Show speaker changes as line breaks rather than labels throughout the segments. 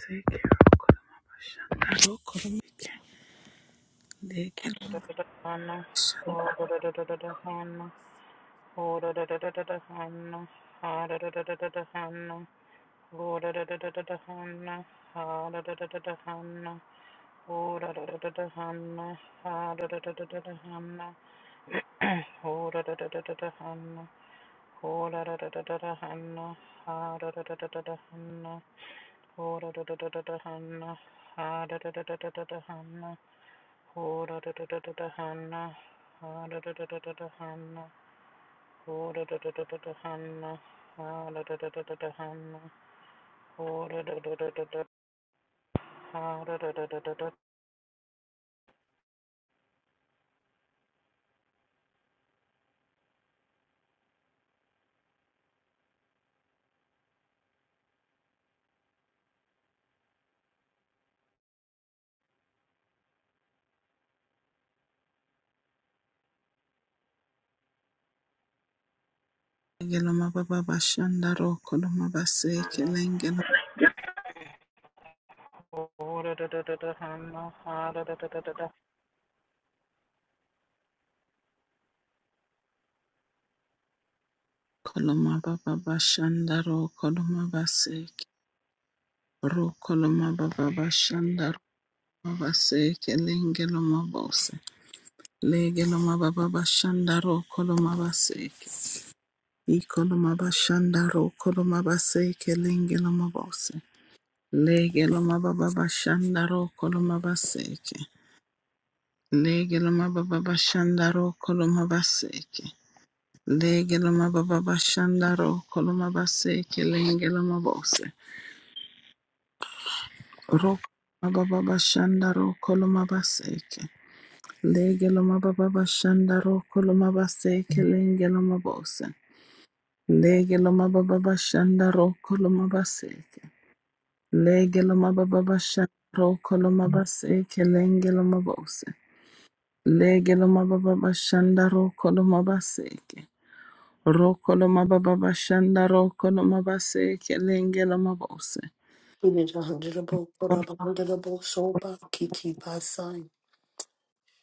Sekera koloma Legeloma
Hana, Hana, Hana, Hana, Go da da da da da da Hana, ha da da da da da Hana, go da da da da da Hana, ha da da da da da da Hana, go da da da da da da Hana, go da da da da da da Hana, ha da da da da da da Hana, go da da da da da da Hana, ha da da da da da da Hana, Ho da da da da da da Hannah. Ha da da da da da da Hannah. Ho da da da da da da Hannah. Ha da da da da da da Hannah. Ho da da da da da da. Ha da da da da da da
baba bashanda ro koloma baseke
Hannah.
lengelo
Ho da da da da da Hannah. Ha da da da da da da. Ho
koloma baba bashanda ro koloma baseke ro koloma baba bashanda ro koloma baseke lengeloma bose legeloma baba bashanda ro koloma baseke i koloma bashanda ro koloma baseke lengeloma bose legeloma baba bashanda ro koloma baseke Lege loma baba bashandaro koloma baseke. Lege loma baba bashandaro koloma baseke lenge loma bose. Rok loma baba bashandaro koloma baseke. Lege loma baba bashandaro koloma baseke lenge loma bose. Lege loma baba bashandaro koloma baseke. Lege loma baba bashandaro koloma baseke lenge loma bose. Lege loma baba bashandaro koloma baseke. Rokolo mababa bashanda rokolo mabase kelenge lo mabose.
It is a Hundredable, Korabahundredable, Soba, Kiki Basai.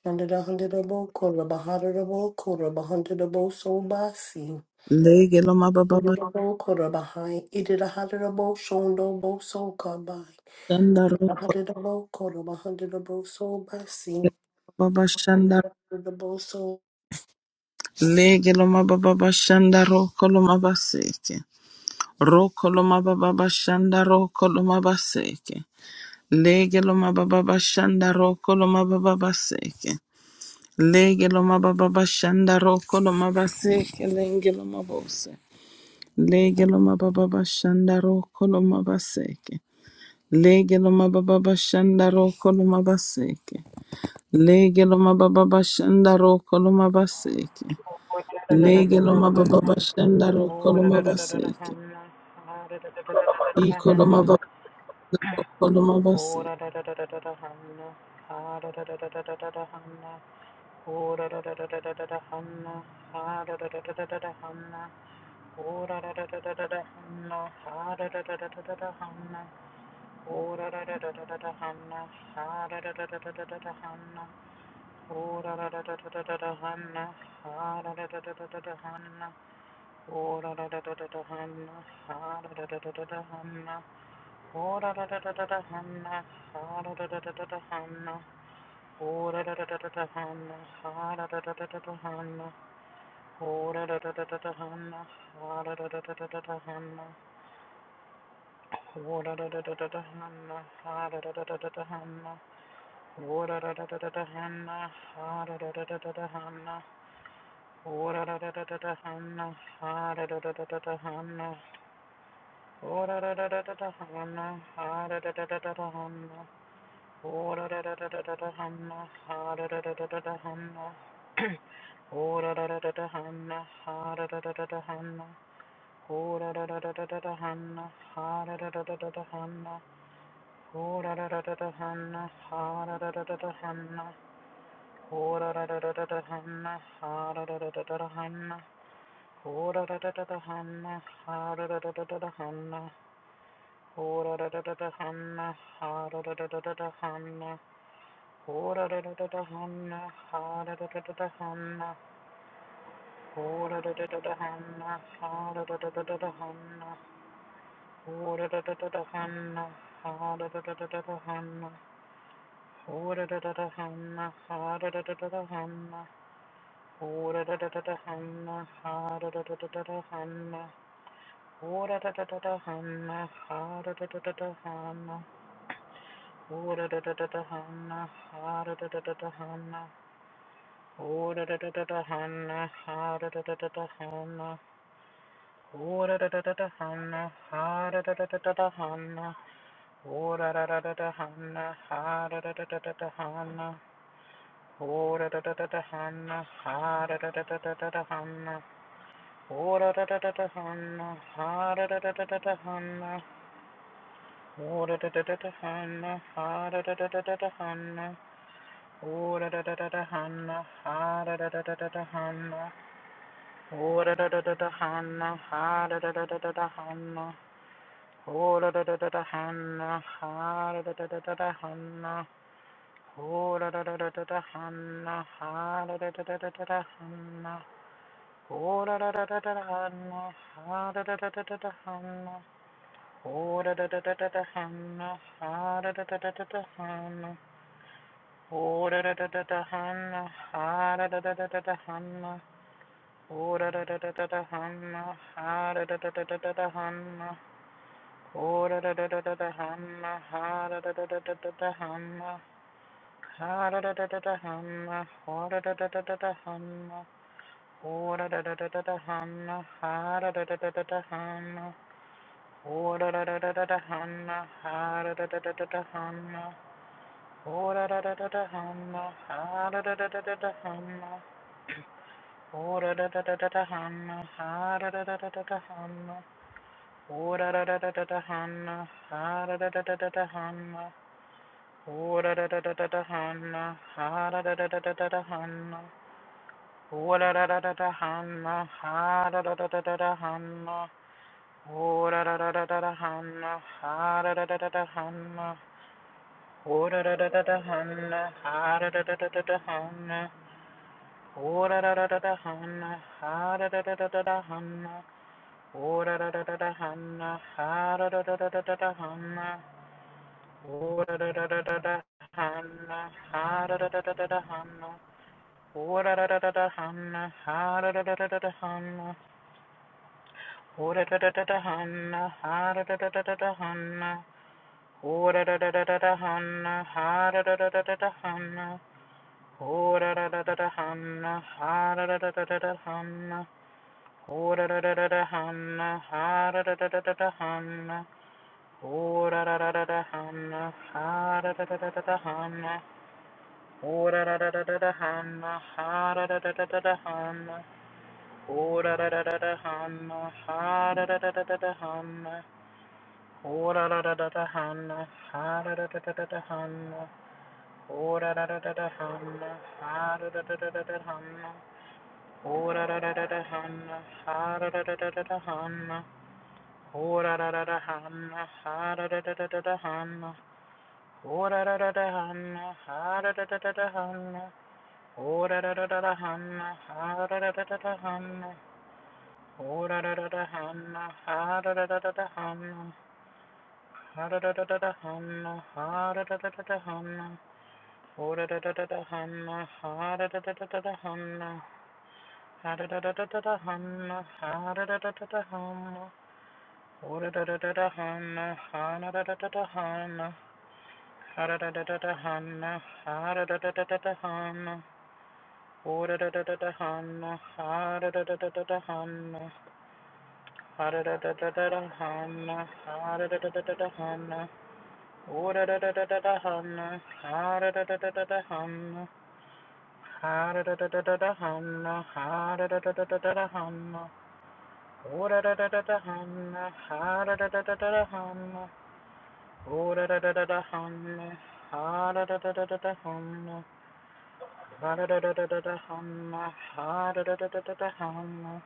And it a Hundredable, Korabahundredable, Korabahundredable, Soba, Si.
Lege lo mababa
Hundredable, Korabahai, Ididahundredable, Shondo, Bo, So, Kabai.
bashanda
A
rokolo
Hundredable, Korabahundredable, Soba, Si.
mababa shanda.
Hundredable, So.
Lege lo mababa bashanda rokolo mabaseke. Rokolo mababa bashanda rokolo mabaseke. Lege lo mababa bashanda rokolo mababa baseke. Lege lo mababa bashanda rokolo mabaseke lenge lo mabose. Lege lo mababa bashanda rokolo mabaseke. Lege lo mababa bashanda roko lo mabaseke. Lege lo mababa bashanda roko lo mabaseke.
da da da da
Lege
da
lo
da.
mababa bashanda roko
Ho da
lo
da da da da da
mabaseke.
Hannah. Ha da da da da da da da
Iko lo
Hannah.
mababa roko lo
Ho
mabaseke.
da da da da da da da Hannah. Ha da da da da da da da da Hannah. Ho da da da da da da da Hannah. Ha da da da da da da da Hannah. Oh da da da da da da da Hanna, ha da da da da da da da Hanna. Oh da da da da da da da Hanna, ha da da da da da da da da Hanna. Oh da da da da da da da da Hanna, ha da da da da da da da Hanna. Oh da da da da da da Hanna, ha da da da da da da Hanna. Oh da da da da da da Hanna, ha da da da da da da Hanna. Oh da da da da da da Hanna, ha da da da da da da Hanna. Oh da da da da da da Hanna, ha da da da da da da Hanna. Hanna, Ho da da da da da hanna, ha da da da da da hanna. Ho da da da da da da hanna, ha da da da da da da hanna. Ho da da da da da hanna, ha da da da da da da hanna. Ho da da da da da hanna, ha da da da da da da hanna. Ho da da da da da hanna, ha da da da da da hanna. Ho da da da da da hanna, ha da da da da da da hanna. Ho da da da da da hanna, ha da da da da da da hanna. Ho da da da da hamma, ha da da da da da hamma. Ho da da da da da hamma, ha da da da da da da hamma. Ho da da da da da hamma, ha da da da da da hamma. Ho da da da da da hamma, ha da da da da da hamma. Ho da da da da da hamma, ha da da da da da hamma. Ho da da da da da hamma, ha da da da da da da Ho da da da da da ha da da da da da da Ora da da da da hanna, ha da da da da da da da hanna. Ora da da da da hanna, ha da da da da da da hanna. Ora da da da da hanna, ha da da da da da da hanna. Ora da da da da hanna, ha da da da da da da hanna. Ora da da da da hanna, ha da da da da da da hanna. Ora da da da da hanna, ha da da da da da da hanna. Ora da da da da da hanna, ha da da da da da da hanna. Oh da da da da da da Hanna, ha da da da da da da Hanna, oh da da da da da da Hanna, ha da da da da da da Hanna, oh da da da da da Hanna, ha da da da da da da Hanna, oh da da da da da da Hanna, ha da da da da da da da Hanna, oh da da da da da da Hanna, ha da da da da da da da Hanna, ha da da da da da Hanna, oh da da da da da da Hanna, oh da da da da da da Hanna, ha da da da da da da Hanna. Oh da da da da da da Hanna, ha da da da da da da Hanna. Oh da da da da da Hana. ha da da da da da da Hanna. Oh da da da da da da Hanna, ha da da da da da da Hanna. Oh da da da da da da Hanna, ha da da da da da da Hanna. Oh da da da da da da Hanna, ha da da da da da da da Hanna. Oh da da da da da Hana. ha da da da da da da Hanna. Oh da da da da da da Hanna, ha da da da da da Hanna. Ho da da da da da hanna, ha da da da da da da hanna. Ho da da da da da hanna, ha da da da da da da hanna. Ho da da da da da hanna, ha da da da da da da da hanna. Ho da da da da da hanna, ha da da da da da da hanna. Ho da da da da da hanna, ha da da da da da da hanna. Ho da da da da da hanna, ha da da da da da da hanna. Ho da da da da da hanna, ha da da da da da da hanna. Ho da da da da da hum ha da da da da da da hum ho da da da da da hum ha da da da da da da hum ho da da da da da hum ha da da da da da da hum ho da da da da da da hum ha da da da da da da hum ho da da da da da hum ha da da da da da da hum ho da da da da da hum ha da da da da da da hum ho da da da da da hum ha da da da da da da hum Ho da da da da da hum, ha da da da da da da hum. Ho da da da da hum, ha da da da da da da hum. Ho da da da da hum, ha da da da da da hum. Ho da da da da da hum, ha da da da da da hum. Ho da da da da hum, ha da da da da da hum. Ha da da da da da hum, ha da da da da da hum. Ho da da da da da hum, ha da da da da da da hum. Ha da da da da da da hum, ha da da da da da hum. Ora da da da da hana, hana da da da da hana, hara da da da da hana, hara da da da da da hana, ora da da da da hana, hara da da da da da hana, hara da da da da da hana, hara da da da da da hana, ora da da da da da hana, hara da da da da da hana, hara da da da da da hana, hara da da da da da hana, ora da da da da hana, hara da da da da da hana. Oh da da da da da hum, ha da da da da da da hum, ha da da da da da da hum, ha da da da da da da hum,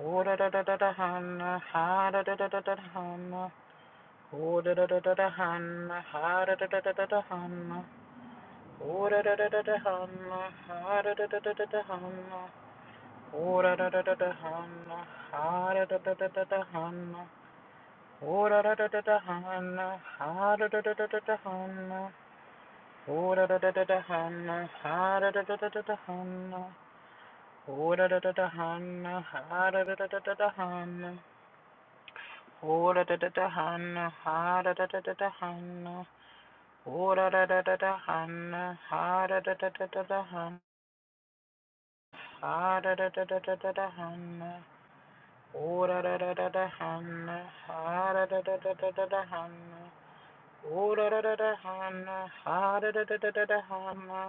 oh da da da da da hum, ha da da da da da da hum, oh da da da da da hum, ha da da da da da da hum, oh da da da da da hum, ha da da da da da da hum, oh da da da da da hum, ha da da da da da da hum, oh da da da da hum, ha da da da da hum. Oh da da da da da Hannah, ha da da da da da Hannah. Oh da da da da Hannah, ha da da da da da Hannah. Oh da da da da Hannah, ha da da da da da Hannah. Oh da da da da Hannah, ha da da da da da da Hannah. Ha da da da da Hannah. Oh da da da da Hannah, ha da da da da da da da Hannah. Oh da da da da Hannah, ha da da da da da da Hannah.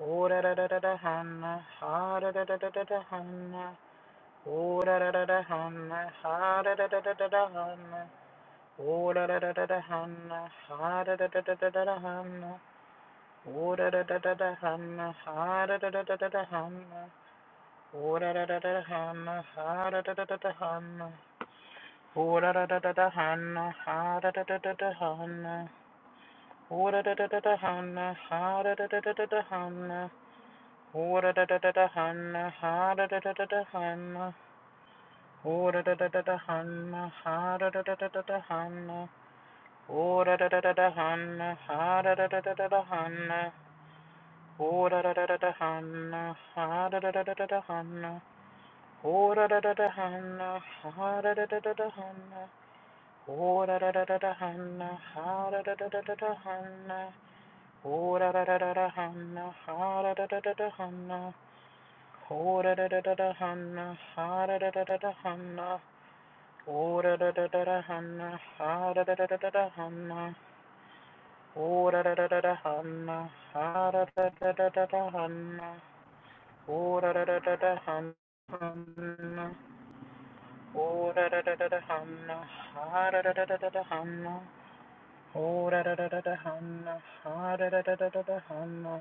Oh da da da da da Hannah, ha da da da da da da Hannah. Oh da da da da Hannah, ha da da da da da da Hannah. Oh da da da da da Hannah, ha da da da da da da da Hannah. Oh da da da da da Hannah, ha da da da da da da Hannah. Oh da da da da da Hannah, ha da da da da da Hannah. Oh da da da da da Hannah, ha da da da da da Hannah. Oh da da da da da Hannah, ha da da da da da da Hannah. Ora da da da da da hanna, ha da da da da da hanna. Ora da da da da da hanna, ha da da da da da da hanna. Ora da da da da da hanna, ha da da da da da da hanna. Ora da da da da da hanna, ha da da da da da da hanna. Ora da da da da hanna, ha da da da da da hanna. Ora da da da da da hanna, ha da da da da da da hanna. Ora da da da da hanna, ha da da da da da hanna. Ho-da-da-da-da-da-hanna, ha-da-da-da-da-da-hanna, da da da hana, hara da da hanna da hana, hora da da da da hanna ho-da-da-da-da-da-hanna, ha-da-da-da-da-da-hanna, da da da hana, hora da da hanna da hana, hara da da da da hanna ha-da-da-da-da-da-hanna, da da da da hana,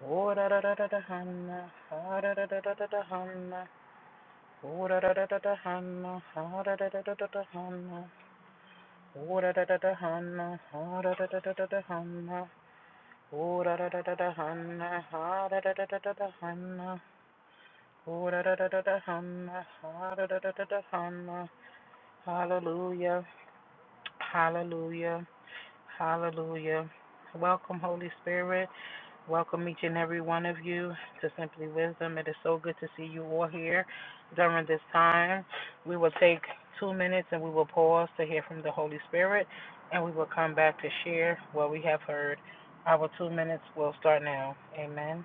hora da hanna da da hana, hara da da da hanna ho-da-da-da-da-da-hanna, ha-da-da-da-da-da-hanna, Oh da da da da da Hannah, ha da da da da da Hannah. Oh da da da da Hannah, ha da da da da da Hannah. Oh da da da da Hannah, ha da da da da da Hannah. Oh da da da da Hannah, ha da da da da Hannah. Hallelujah, hallelujah. Hallelujah. Welcome, Holy Spirit. Welcome each and every one of you to Simply Wisdom. It is so good to see you all here during this time. We will take two minutes and we will pause to hear from the Holy Spirit and we will come back to share what we have heard. Our two minutes will start now. Amen.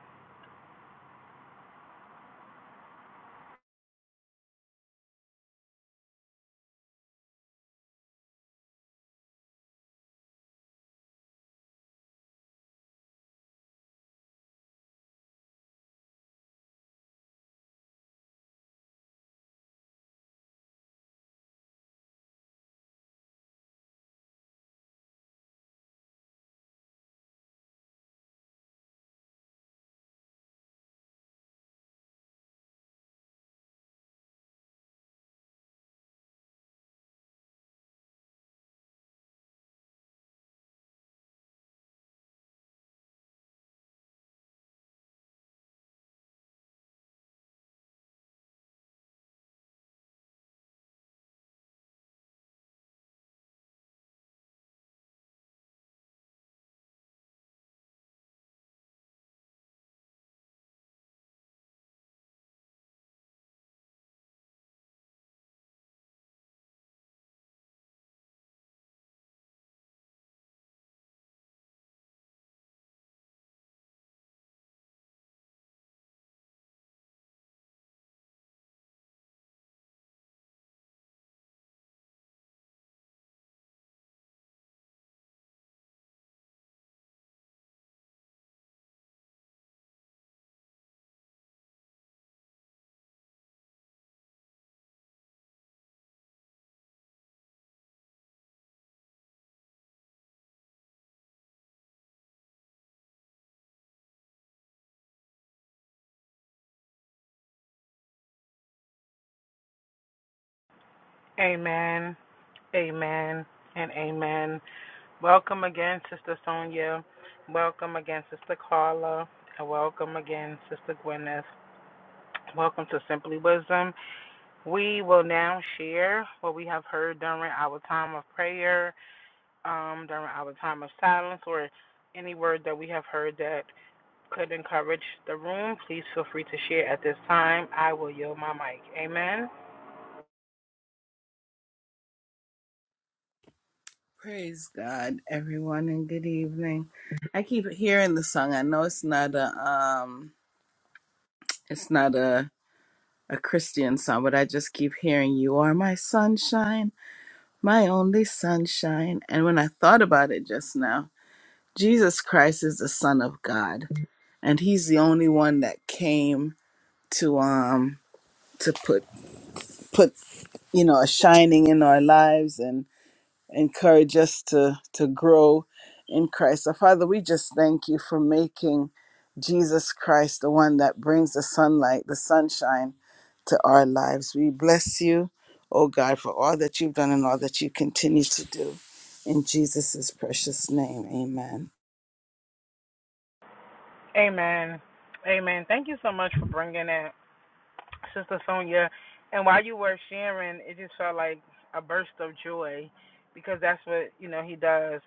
Amen. Amen. And amen. Welcome again, Sister Sonia. Welcome again, Sister Carla. And welcome again, Sister Gwyneth. Welcome to Simply Wisdom. We will now share what we have heard during our time of prayer, um, during our time of silence, or any word that we have heard that could encourage the room. Please feel free to share at this time. I will yield my mic. Amen.
Praise God, everyone, and good evening. I keep hearing the song. I know it's not a um, it's not a a Christian song, but I just keep hearing "You are my sunshine, my only sunshine." And when I thought about it just now. Jesus Christ is the Son of God, and He's the only one that came to um to put put you know a shining in our lives and encourage us to to grow in Christ. So Father, we just thank you for making Jesus Christ the one that brings the sunlight, the sunshine to our lives. We bless you, oh God, for all that you've done and all that you continue to do. In Jesus' precious name, amen.
Amen. Amen. Thank you so much for bringing in. Sister Sonia, and while you were sharing, it just felt like a burst of joy because that's what, you know, he does.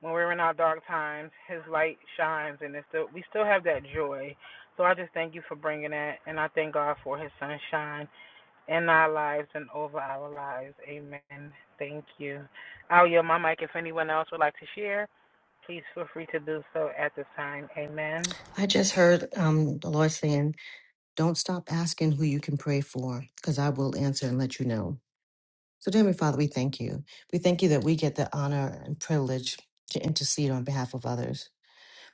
When we're in our dark times, his light shines and it's still we still have that joy. So I just thank you for bringing that and I thank God for his sunshine in our lives and over our lives. Amen. Thank you. I'll yield my mic if anyone else would like to share. Please feel free to do so at this time. Amen.
I just heard um, the Lord saying, Don't stop asking who you can pray for, because I will answer and let you know. So, dear Heavenly Father, we thank you. We thank you that we get the honor and privilege to intercede on behalf of others.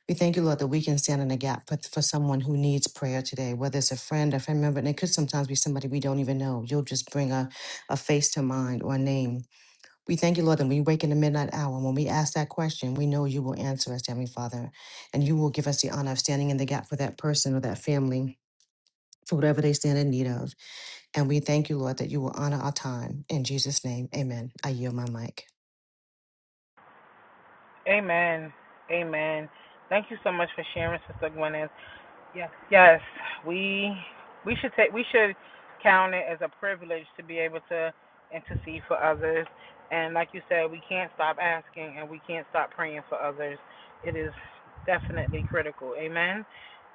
We thank you, Lord, that we can stand in the gap for, for someone who needs prayer today, whether it's a friend, a family member, and it could sometimes be somebody we don't even know. You'll just bring a, a face to mind or a name we thank you, Lord, that when we wake in the midnight hour. When we ask that question, we know you will answer us, Heavenly Father, and you will give us the honor of standing in the gap for that person or that family for whatever they stand in need of. And we thank you, Lord, that you will honor our time. In Jesus' name, amen. I yield my mic.
Amen. Amen. Thank you so much for sharing, Sister Gwen. Yes, yes. We we should take we should count it as a privilege to be able to intercede for others. And like you said, we can't stop asking and we can't stop praying for others. It is definitely critical. Amen.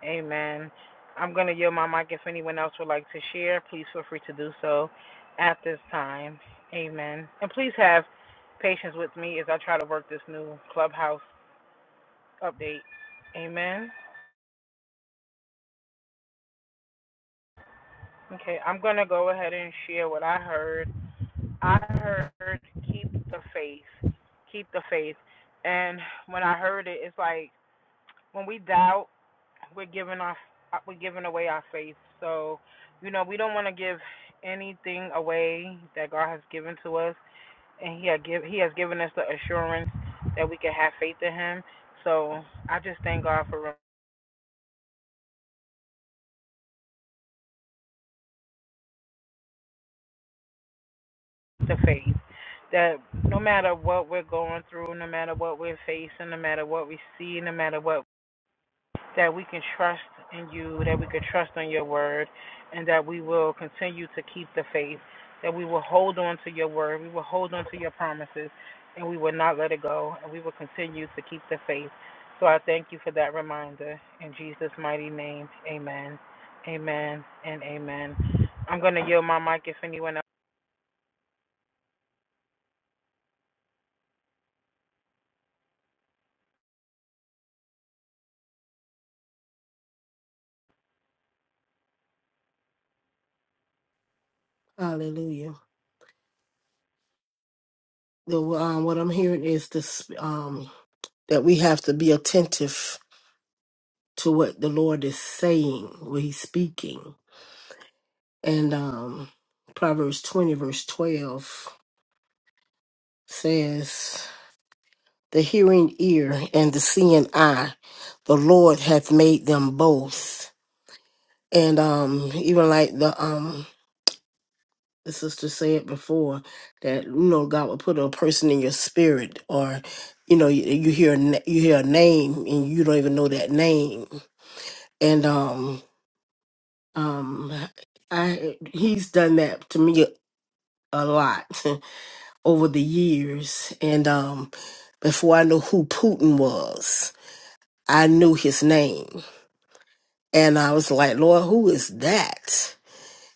Amen. I'm gonna yield my mic if anyone else would like to share. Please feel free to do so at this time. Amen. And please have patience with me as I try to work this new clubhouse update. Amen. Okay, I'm going to go ahead and share what I heard. I heard keep the faith, keep the faith. And when I heard it, it's like when we doubt, we're giving our we're giving away our faith. So, you know, we don't want to give anything away that God has given to us, and He had give He has given us the assurance that we can have faith in Him. So, I just thank God for the faith. that no matter what we're going through, no matter what we're facing, no matter what we see, no matter what, that we can trust in you, that we can trust on your word, and that we will continue to keep the faith, that we will hold on to your word, we will hold on to your promises, and we will not let it go, and we will continue to keep the faith. So I thank you for that reminder. In Jesus' mighty name, amen. Amen and amen. I'm going to yield my mic if anyone else.
Hallelujah. The, um, what I'm hearing is this, um, that we have to be attentive to what the Lord is saying, what he's speaking. And um, Proverbs 20, verse 12 says, The hearing ear and the seeing eye, the Lord hath made them both. And um, even like the um, the sister said before, that you know God will put a person in your spirit, or you know you, you hear a na- you hear a name and you don't even know that name. And um, um, I he's done that to me a lot. over the years. And um, before I knew who Putin was, I knew his name. And I was like, Lord, who is that?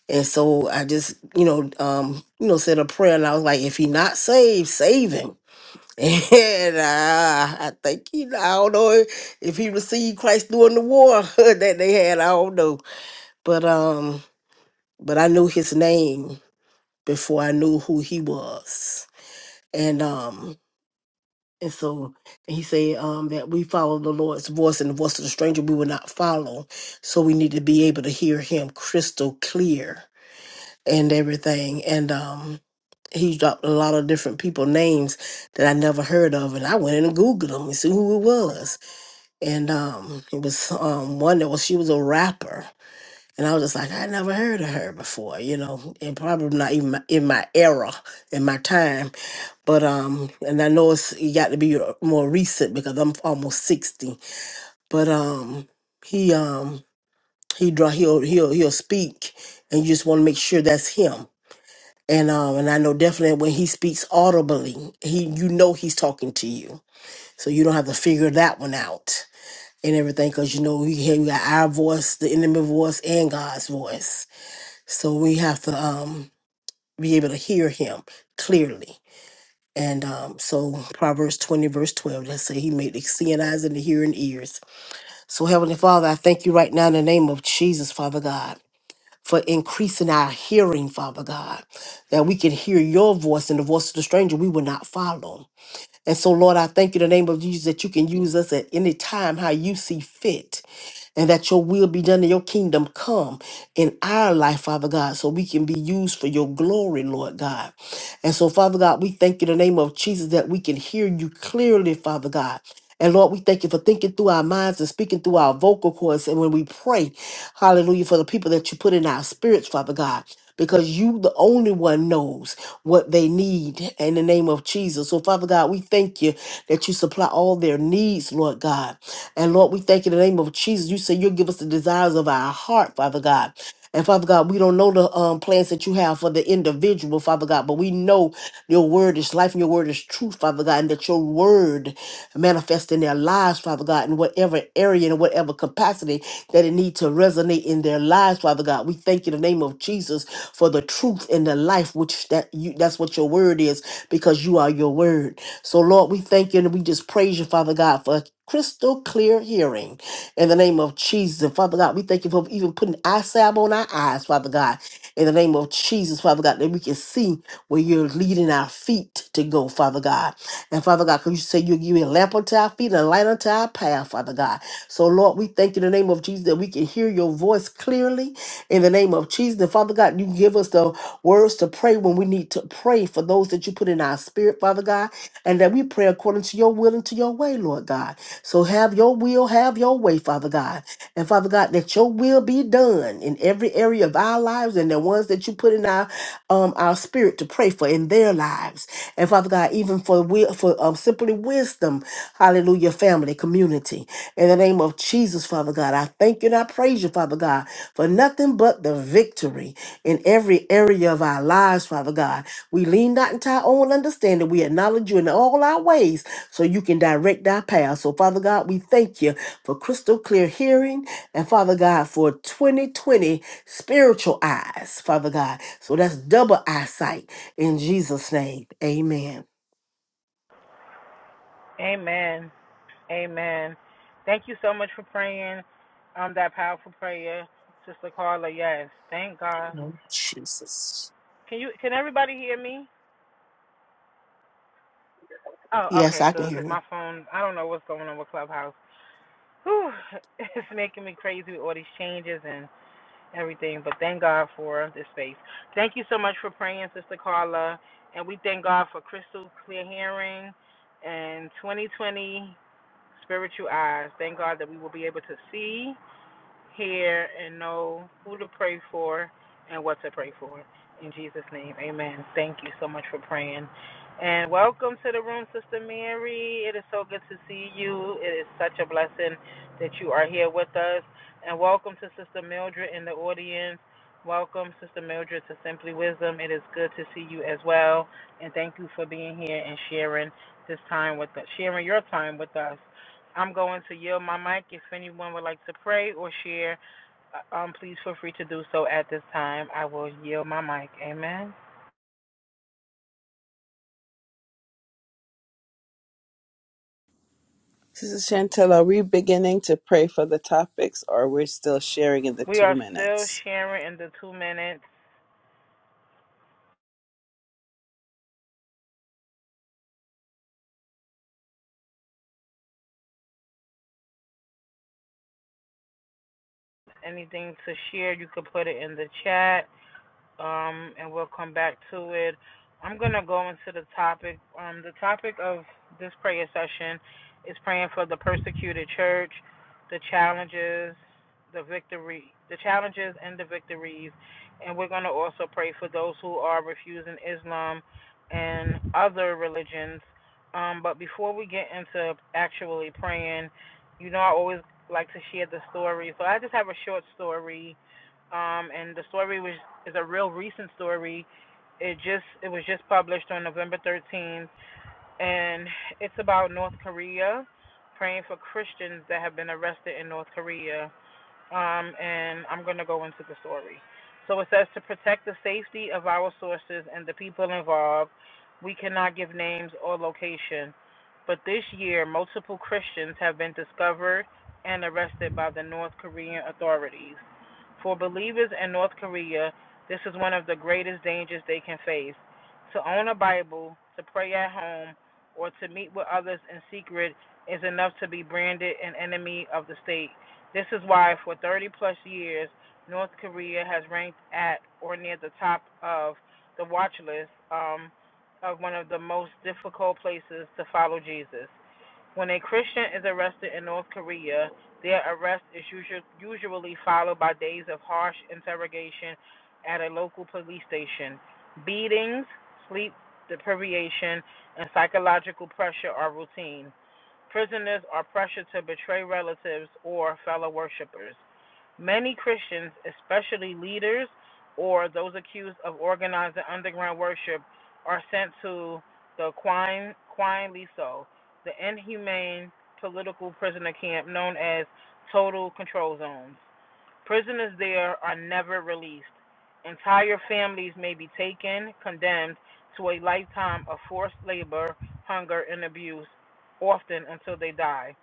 And so I just, you know, um, you know, said a prayer and I was like, if he not saved, save him. And uh, I think he, I don't know if, if he received Christ during the war that they had. I don't know, but um, but I knew his name before I knew who he was, and um, And so he said um, that we follow the Lord's voice and the voice of the stranger we will not follow. So we need to be able to hear him crystal clear and everything. And um, he dropped a lot of different people names that I never heard of. And I went in and Googled them and see who it was. And um, it was um, one that was, she was a rapper. And I was just like, I never heard of her before, you know, and probably not even my, in my era, in my time. But um, and I know it's it got to be more recent because I'm almost sixty. But um, he um he draw he'll he'll he'll speak, and you just want to make sure that's him. And um, and I know definitely when he speaks audibly, he you know he's talking to you, so you don't have to figure that one out and everything because you know we hear we got our voice, the enemy voice, and God's voice. So we have to um be able to hear him clearly And um, so Proverbs 20, verse 12, let's say he made the seeing eyes and the hearing ears. So Heavenly Father, I thank you right now in the name of Jesus, Father God, for increasing our hearing, Father God, that we can hear your voice and the voice of the stranger we will not follow. And so, Lord, I thank you in the name of Jesus that you can use us at any time how you see fit and that your will be done and your kingdom come in our life, Father God, so we can be used for your glory, Lord God. And so, Father God, we thank you in the name of Jesus that we can hear you clearly, Father God. And Lord, we thank you for thinking through our minds and speaking through our vocal cords. And when we pray, hallelujah, for the people that you put in our spirits, Father God, because you, the only one, knows what they need in the name of Jesus. So, Father God, we thank you that you supply all their needs, Lord God. And Lord, we thank you in the name of Jesus. You say you'll give us the desires of our heart, Father God. And Father God, we don't know the um, plans that you have for the individual, Father God, but we know your word is life and your word is truth, Father God, and that your word manifests in their lives, Father God, in whatever area and whatever capacity that it needs to resonate in their lives, Father God. We thank you in the name of Jesus for the truth and the life, which that you that's what your word is, because you are your word. So Lord, we thank you and we just praise you, Father God, for crystal clear hearing in the name of Jesus. Father God, we thank you for even putting eye salve on our eyes, Father God, in the name of Jesus, Father God, that we can see where you're leading our feet to go, Father God. And Father God, because you say you're giving a lamp unto our feet and a light unto our path, Father God. So, Lord, we thank you in the name of Jesus that we can hear your voice clearly in the name of Jesus. And Father God, you give us the words to pray when we need to pray for those that you put in our spirit, Father God, and that we pray according to your will and to your way, Lord God. So have your will, have your way, Father God. And Father God, that your will be done in every area of our lives and the ones that you put in our um our spirit to pray for in their lives. And Father God, even for wi- for um, simply wisdom, hallelujah, family, community. In the name of Jesus, Father God, I thank you and I praise you, Father God, for nothing but the victory in every area of our lives, Father God. We lean not into our own understanding. We acknowledge you in all our ways so you can direct our path. So, Father God, we thank you for crystal clear hearing and, Father God, for 2020 spiritual eyes, Father God. So that's double eyesight in Jesus' name, amen.
Amen. Amen. Thank you so much for praying um that powerful prayer, Sister Carla. Yes, thank God.
Jesus.
Can you can everybody hear me? Oh,
Yes,
okay,
I can
good.
hear
Cause
you.
my phone, I don't know what's going on with Clubhouse. Whew, it's making me crazy with all these changes and everything. But thank God for this space. Thank you so much for praying, Sister Carla, and we thank God for crystal clear hearing and 2020 spiritual eyes. Thank God that we will be able to see hear and know who to pray for and what to pray for. In Jesus' name, amen. Thank you so much for praying. And welcome to the room, Sister Mary. It is so good to see you. It is such a blessing that you are here with us. And welcome to Sister Mildred in the audience. Welcome, Sister Mildred, to Simply Wisdom. It is good to see you as well. And thank you for being here and sharing this time with us, sharing your time with us. I'm going to yield my mic. If anyone would like to pray or share, uh, um, please feel free to do so at this time. I will yield my mic. Amen.
Sister Chantel, are we beginning to pray for the topics or we're still sharing in the
We
two
are still
minutes?
sharing in the two minutes. Anything to share, you could put it in the chat. um, and we'll come back to it. I'm going to go into the topic. Um, the topic of this prayer session is praying for the persecuted church, the challenges, the victory, the challenges and the victories, and we're going to also pray for those who are refusing Islam and other religions. Um, but before we get into actually praying, you know, I always like to share the story. So I just have a short story um, and the story was is a real recent story. It just it was just published on November 13th, and it's about North Korea praying for Christians that have been arrested in North Korea um, and I'm going to go into the story. So it says to protect the safety of our sources and the people involved, we cannot give names or location. But this year, multiple Christians have been discovered and arrested by the North Korean authorities. For believers in North Korea, this is one of the greatest dangers they can face. To own a Bible, to pray at home, or to meet with others in secret is enough to be branded an enemy of the state this is why, for 30 plus years, North Korea has ranked at or near the top of the watch list um, of one of the most difficult places to follow Jesus. When a Christian is arrested in North Korea, their arrest is usually followed by days of harsh interrogation at a local police station. Beatings, sleep deprivation, and psychological pressure are routine. Prisoners are pressured to betray relatives or fellow worshippers. Many Christians, especially leaders or those accused of organizing underground worship, are sent to the Quine, Quine Liso, the inhumane political prisoner camp known as total control zones. Prisoners there are never released. Entire families may be taken, condemned to a lifetime of forced labor, hunger, and abuse, often until they die.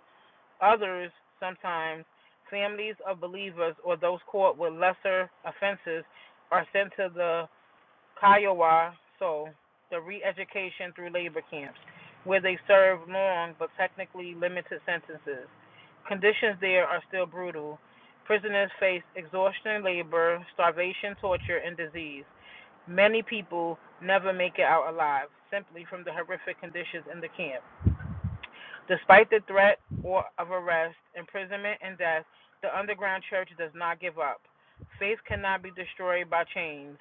Others, sometimes, families of believers or those caught with lesser offenses, are sent to the Kiowa, so the re-education through labor camps, where they serve long but technically limited sentences. Conditions there are still brutal. Prisoners face exhaustion, labor, starvation, torture, and disease. Many people never make it out alive simply from the horrific conditions in the camp. Despite the threat or of arrest, imprisonment, and death, the underground church does not give up. Faith cannot be destroyed by chains,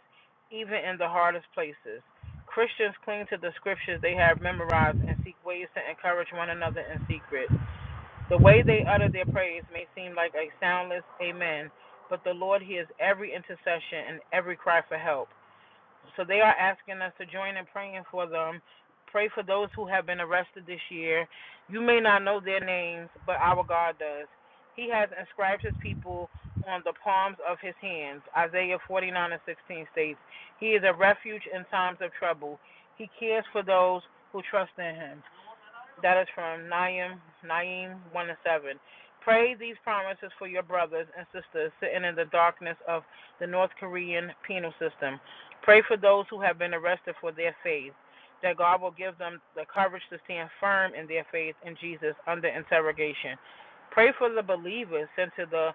even in the hardest places. Christians cling to the scriptures they have memorized and seek ways to encourage one another in secret. The way they utter their praise may seem like a soundless amen, but the Lord hears every intercession and every cry for help. So they are asking us to join in praying for them. Pray for those who have been arrested this year. You may not know their names, but our God does. He has inscribed his people on the palms of his hands. Isaiah 49 and 16 states, He is a refuge in times of trouble. He cares for those who trust in him. That is from Naim, Naim 1 and 7. Pray these promises for your brothers and sisters sitting in the darkness of the North Korean penal system. Pray for those who have been arrested for their faith, that God will give them the courage to stand firm in their faith in Jesus under interrogation. Pray for the believers sent to the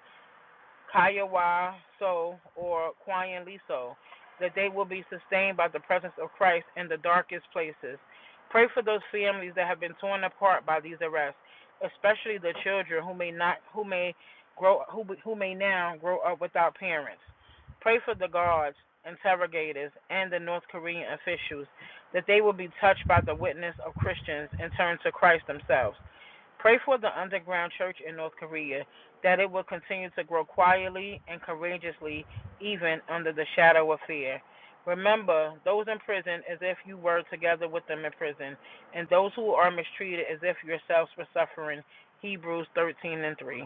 Kayawa So or Kwayan Liso, that they will be sustained by the presence of Christ in the darkest places. Pray for those families that have been torn apart by these arrests, especially the children who may not who may grow who who may now grow up without parents. Pray for the guards, interrogators, and the North Korean officials that they will be touched by the witness of Christians and turn to Christ themselves. Pray for the underground church in North Korea that it will continue to grow quietly and courageously, even under the shadow of fear. Remember those in prison as if you were together with them in prison, and those who are mistreated as if yourselves were suffering. Hebrews 13 and 3.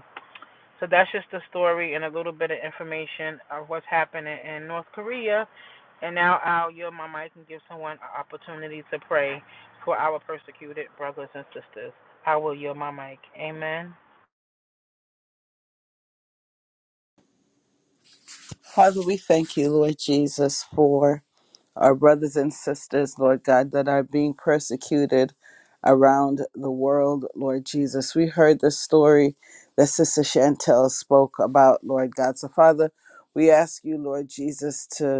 So that's just the story and a little bit of information of what's happening in North Korea. And now I'll yield my mic and give someone an opportunity to pray for our persecuted brothers and sisters. I will yield my mic. Amen.
Father, we thank you, Lord Jesus, for our brothers and sisters, Lord God, that are being persecuted around the world, Lord Jesus. We heard the story that Sister Chantel spoke about, Lord God. So, Father, we ask you, Lord Jesus, to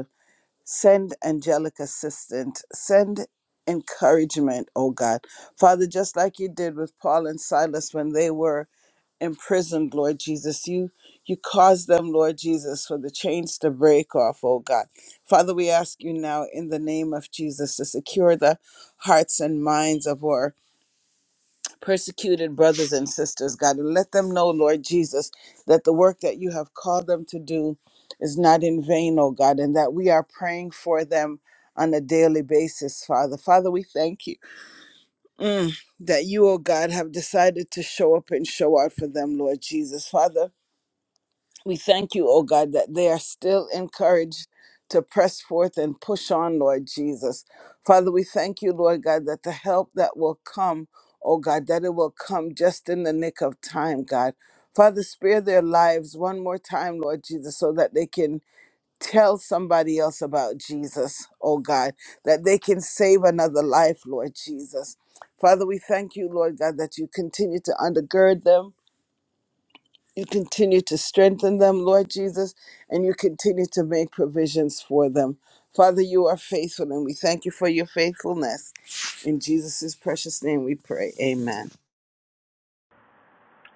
Send angelic assistance. Send encouragement, oh God. Father, just like you did with Paul and Silas when they were imprisoned, Lord Jesus, you you caused them, Lord Jesus, for the chains to break off, oh God. Father, we ask you now in the name of Jesus to secure the hearts and minds of our persecuted brothers and sisters, God, and let them know, Lord Jesus, that the work that you have called them to do is not in vain, oh God, and that we are praying for them on a daily basis, Father. Father, we thank you mm, that you, oh God, have decided to show up and show out for them, Lord Jesus. Father, we thank you, oh God, that they are still encouraged to press forth and push on, Lord Jesus. Father, we thank you, Lord God, that the help that will come, oh God, that it will come just in the nick of time, God. Father, spare their lives one more time, Lord Jesus, so that they can tell somebody else about Jesus, oh God, that they can save another life, Lord Jesus. Father, we thank you, Lord God, that you continue to undergird them you continue to strengthen them, Lord Jesus, and you continue to make provisions for them. Father, you are faithful, and we thank you for your faithfulness. In Jesus' precious name we pray. Amen.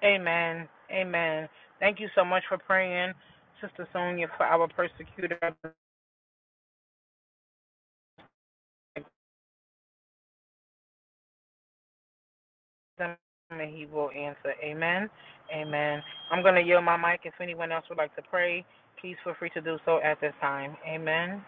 Amen. Amen. Thank you so much for praying, Sister Sonia, for our persecuted brothers and he will answer. Amen. Amen. I'm going to yield my mic. If anyone else would like to pray, please feel free to do so at this time. Amen.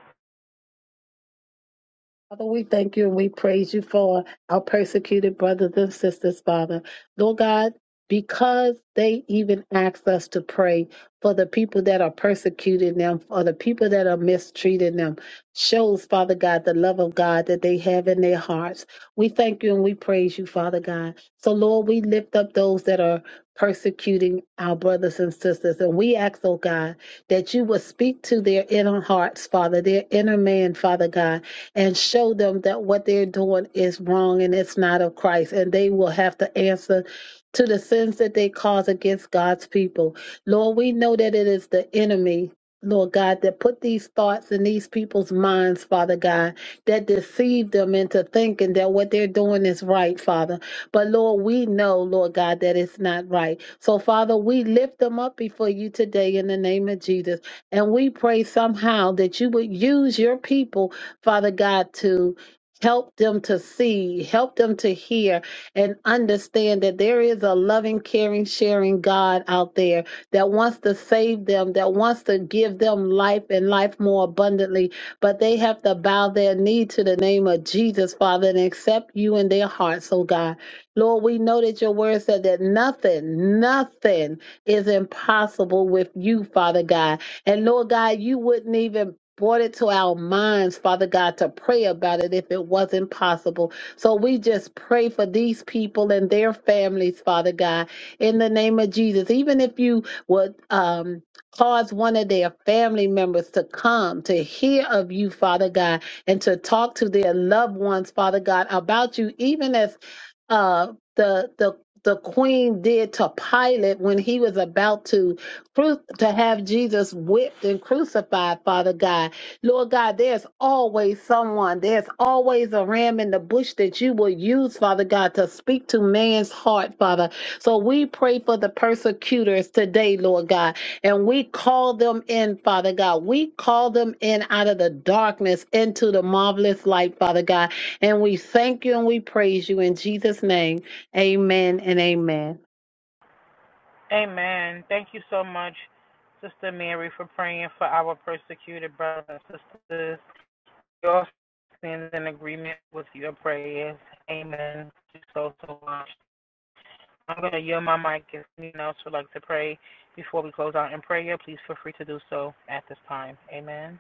Father, we thank you and we praise you for our persecuted brothers and sisters, Father. Lord God, because they even asked us to pray for the people that are persecuting them, for the people that are mistreating them, shows, Father God, the love of God that they have in their hearts. We thank you and we praise you, Father God. So, Lord, we lift up those that are persecuting our brothers and sisters. And we ask, oh God, that you will speak to their inner hearts, Father, their inner man, Father God and show them that what they're doing is wrong and it's not of Christ. And they will have to answer to the sins that they cause against God's people. Lord, we know that it is the enemy. Lord God, that put these thoughts in these people's minds, Father God, that deceived them into thinking that what they're doing is right, Father. But Lord, we know, Lord God, that it's not right. So, Father, we lift them up before you today in the name of Jesus. And we pray somehow that you would use your people Father God, to help them to see, help them to hear, and understand that there is a loving, caring, sharing God out there that wants to save them, that wants to give them life and life more abundantly. But they have to bow their knee to the name of Jesus, Father, and accept you in their hearts, oh God. Lord, we know that your word said that nothing, nothing is impossible with you, Father God. And Lord God, you wouldn't even brought it to our minds, Father God, to pray about it if it wasn't possible. So we just pray for these people and their families, Father God, in the name of Jesus. Even if you would um, cause one of their family members to come to hear of you, Father God, and to talk to their loved ones, Father God, about you, even as uh, the the the queen did to Pilate when he was about to cru- to have Jesus whipped and crucified, Father God. Lord God, there's always someone, there's always a ram in the bush that you will use, Father God, to speak to man's heart, Father. So we pray for the persecutors today, Lord God, and we call them in, Father God. We call them in out of the darkness into the marvelous light, Father God. And we thank you and we praise you in Jesus' name. Amen and amen.
Amen. Thank you so much, Sister Mary, for praying for our persecuted brothers and sisters. Your stands in agreement with your prayers. Amen. Thank you so, so much. I'm going to yield my mic if anyone else would like to pray before we close out in prayer. Please feel free to do so at this time. Amen.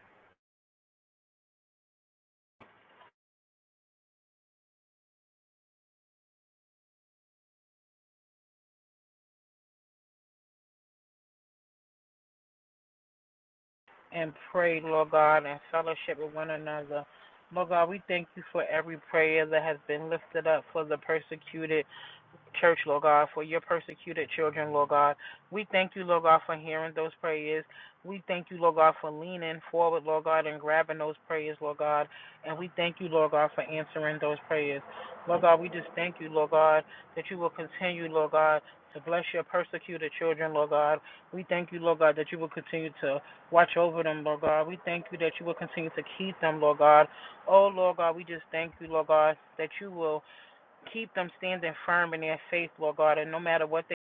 And pray, Lord God, and fellowship with one another. Lord God, we thank you for every prayer that has been lifted up for the persecuted church, Lord God, for your persecuted children, Lord God. We thank you, Lord God, for hearing those prayers. We thank you, Lord God, for leaning forward, Lord God, and grabbing those prayers, Lord God. And we thank you, Lord God, for answering those prayers. Lord God, we just thank you, Lord God, that you will continue, Lord God, to bless your persecuted children, Lord God. We thank you, Lord God, that you will continue to watch over them, Lord God. We thank you that you will continue to keep them, Lord God. Oh, Lord God, we just thank you, Lord God, that you will Keep them standing firm in their faith, Lord God, and no matter what their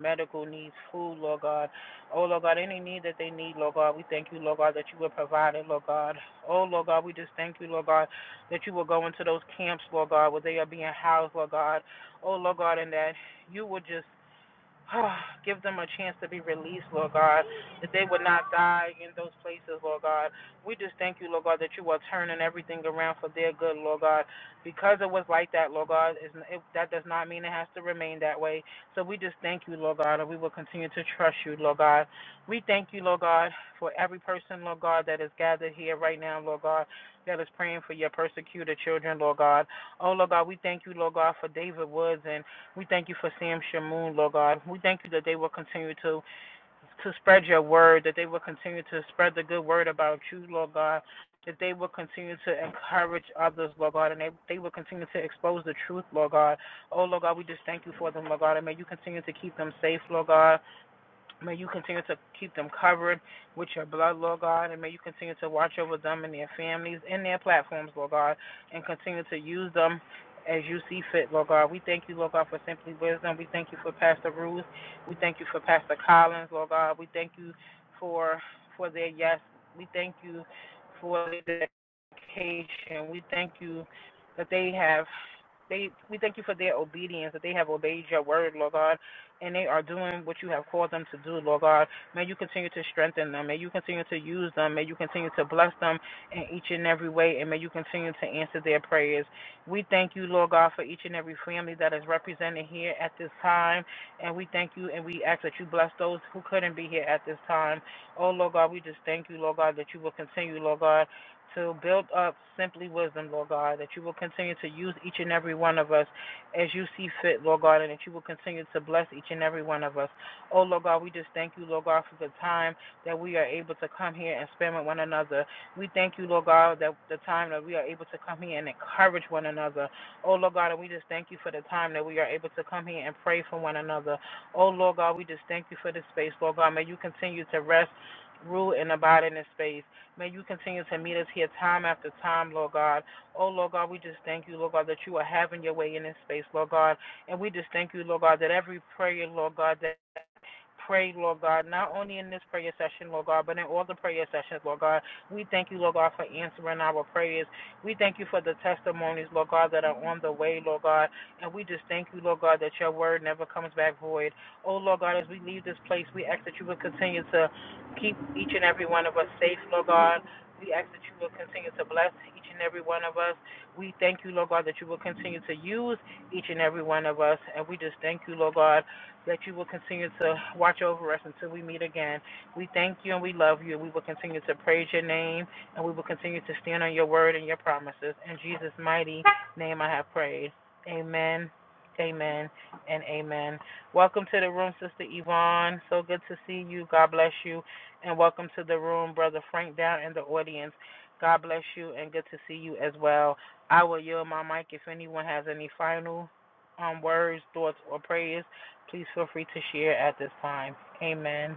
medical needs, food, Lord God. Oh, Lord God, any need that they need, Lord God, we thank you, Lord God, that you will provide it, Lord God. Oh, Lord God, we just thank you, Lord God, that you will go into those camps, Lord God, where they are being housed, Lord God. Oh, Lord God, and that you will just Oh, Give them a chance to be released, Lord God, that they would not die in those places, Lord God. We just thank you, Lord God, that you are turning everything around for their good, Lord God. Because it was like that, Lord God, it's, it, that does not mean it has to remain that way. So we just thank you, Lord God, and we will continue to trust you, Lord God. We thank you, Lord God, for every person, Lord God, that is gathered here right now, Lord God, that is praying for your persecuted children, Lord God. Oh, Lord God, we thank you, Lord God, for David Woods and we thank you for Sam Shamoon, Lord God. We thank you that they will continue to to spread your word, that they will continue to spread the good word about you, Lord God. That they will continue to encourage others, Lord God, and they, they will continue to expose the truth, Lord God. Oh, Lord God, we just thank you for them, Lord God, and may you continue to keep them safe, Lord God. May you continue to keep them covered with your blood, Lord God, and may you continue to watch over them and their families and their platforms, Lord God, and continue to use them as you see fit, Lord God. We thank you, Lord God, for Simply Wisdom. We thank you for Pastor Ruth. We thank you for Pastor Collins, Lord God. We thank you for for their yes. We thank you for their dedication. We thank you that they have they we thank you for their obedience, that they have obeyed your word, Lord God and they are doing what you have called them to do, Lord God. May you continue to strengthen them. May you continue to use them. May you continue to bless them in each and every way, and may you continue to answer their prayers. We thank you, Lord God, for each and every family that is represented here at this time, and we thank you and we ask that you bless those who couldn't be here at this time. Oh, Lord God, we just thank you, Lord God, that you will continue, Lord God. To build up simply wisdom, Lord God, that you will continue to use each and every one of us as you see fit, Lord God, and that you will continue to bless each and every one of us. Oh, Lord God, we just thank you, Lord God, for the time that we are able to come here and spend with one another. We thank you, Lord God, that the time that we are able to come here and encourage one another. Oh, Lord God, and we just thank you for the time that we are able to come here and pray for one another. Oh, Lord God, we just thank you for this space, Lord God. May you continue to rest. Rule and abide in this space. May you continue to meet us here time after time, Lord God. Oh, Lord God, we just thank you, Lord God, that you are having your way in this space, Lord God. And we just thank you, Lord God, that every prayer, Lord God, that pray, Lord God, not only in this prayer session, Lord God, but in all the prayer sessions, Lord God. We thank you, Lord God, for answering our prayers. We thank you for the testimonies, Lord God, that are on the way, Lord God. And we just thank you, Lord God, that your word never comes back void. Oh, Lord God, as we leave this place, we ask that you would continue to keep each and every one of us safe, Lord God. We ask that you will continue to bless each and every one of us. We thank you, Lord God, that you will continue to use each and every one of us. And we just thank you, Lord God, that you will continue to watch over us until we meet again. We thank you and we love you. We will continue to praise your name and we will continue to stand on your word and your promises. In Jesus' mighty name I have prayed. Amen. Amen and amen. Welcome to the room, Sister Yvonne. So good to see you. God bless you and welcome to the room, Brother Frank down in the audience. God bless you and good to see you as well. I will yield my mic if anyone has any final um, words, thoughts, or prayers. Please feel free to share at this time. Amen.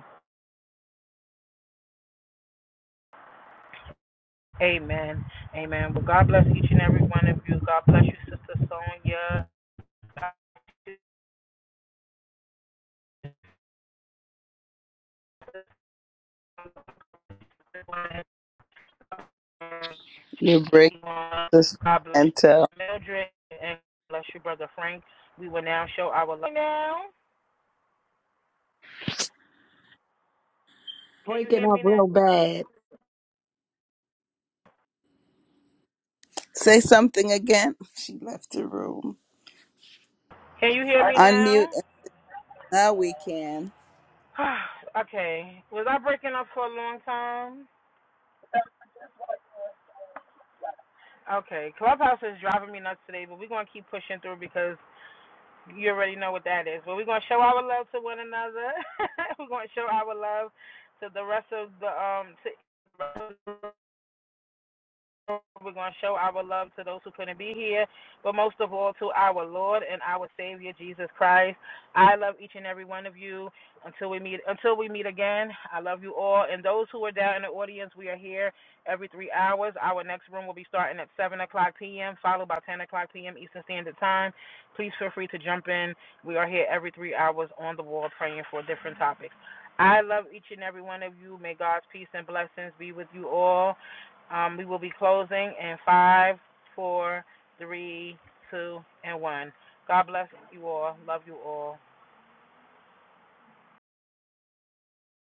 Amen. Amen. Well, God bless each and every one of you. God bless you, Sister Sonia. God bless you,
You
Sister
break
Yvonne.
this
God bless
and
you,
tell.
Mildred. And bless you, Brother Frank. We will now show our love. Now, can you
Break it
hear
up
me now?
real bad.
Say something again. She left the room.
Can you hear me
Unmute.
now?
and Now we can.
okay. Was I breaking up for a long time? Okay. Clubhouse is driving me nuts today, but we're going to keep pushing through because you already know what that is. But we're going to show our love to one another. we're going to show our love to the rest of the um to We're going to show our love to those who couldn't be here, but most of all to our Lord and our Savior Jesus Christ. I love each and every one of you. Until we meet, until we meet again, I love you all. And those who are down in the audience, we are here every three hours. Our next room will be starting at seven o'clock p.m., followed by ten o'clock p.m. Eastern Standard Time. Please feel free to jump in. We are here every three hours on the wall praying for different topics. I love each and every one of you. May God's peace and blessings be with you all. Um, we will be closing in five, four, three, two, and one. God bless you all. Love you all.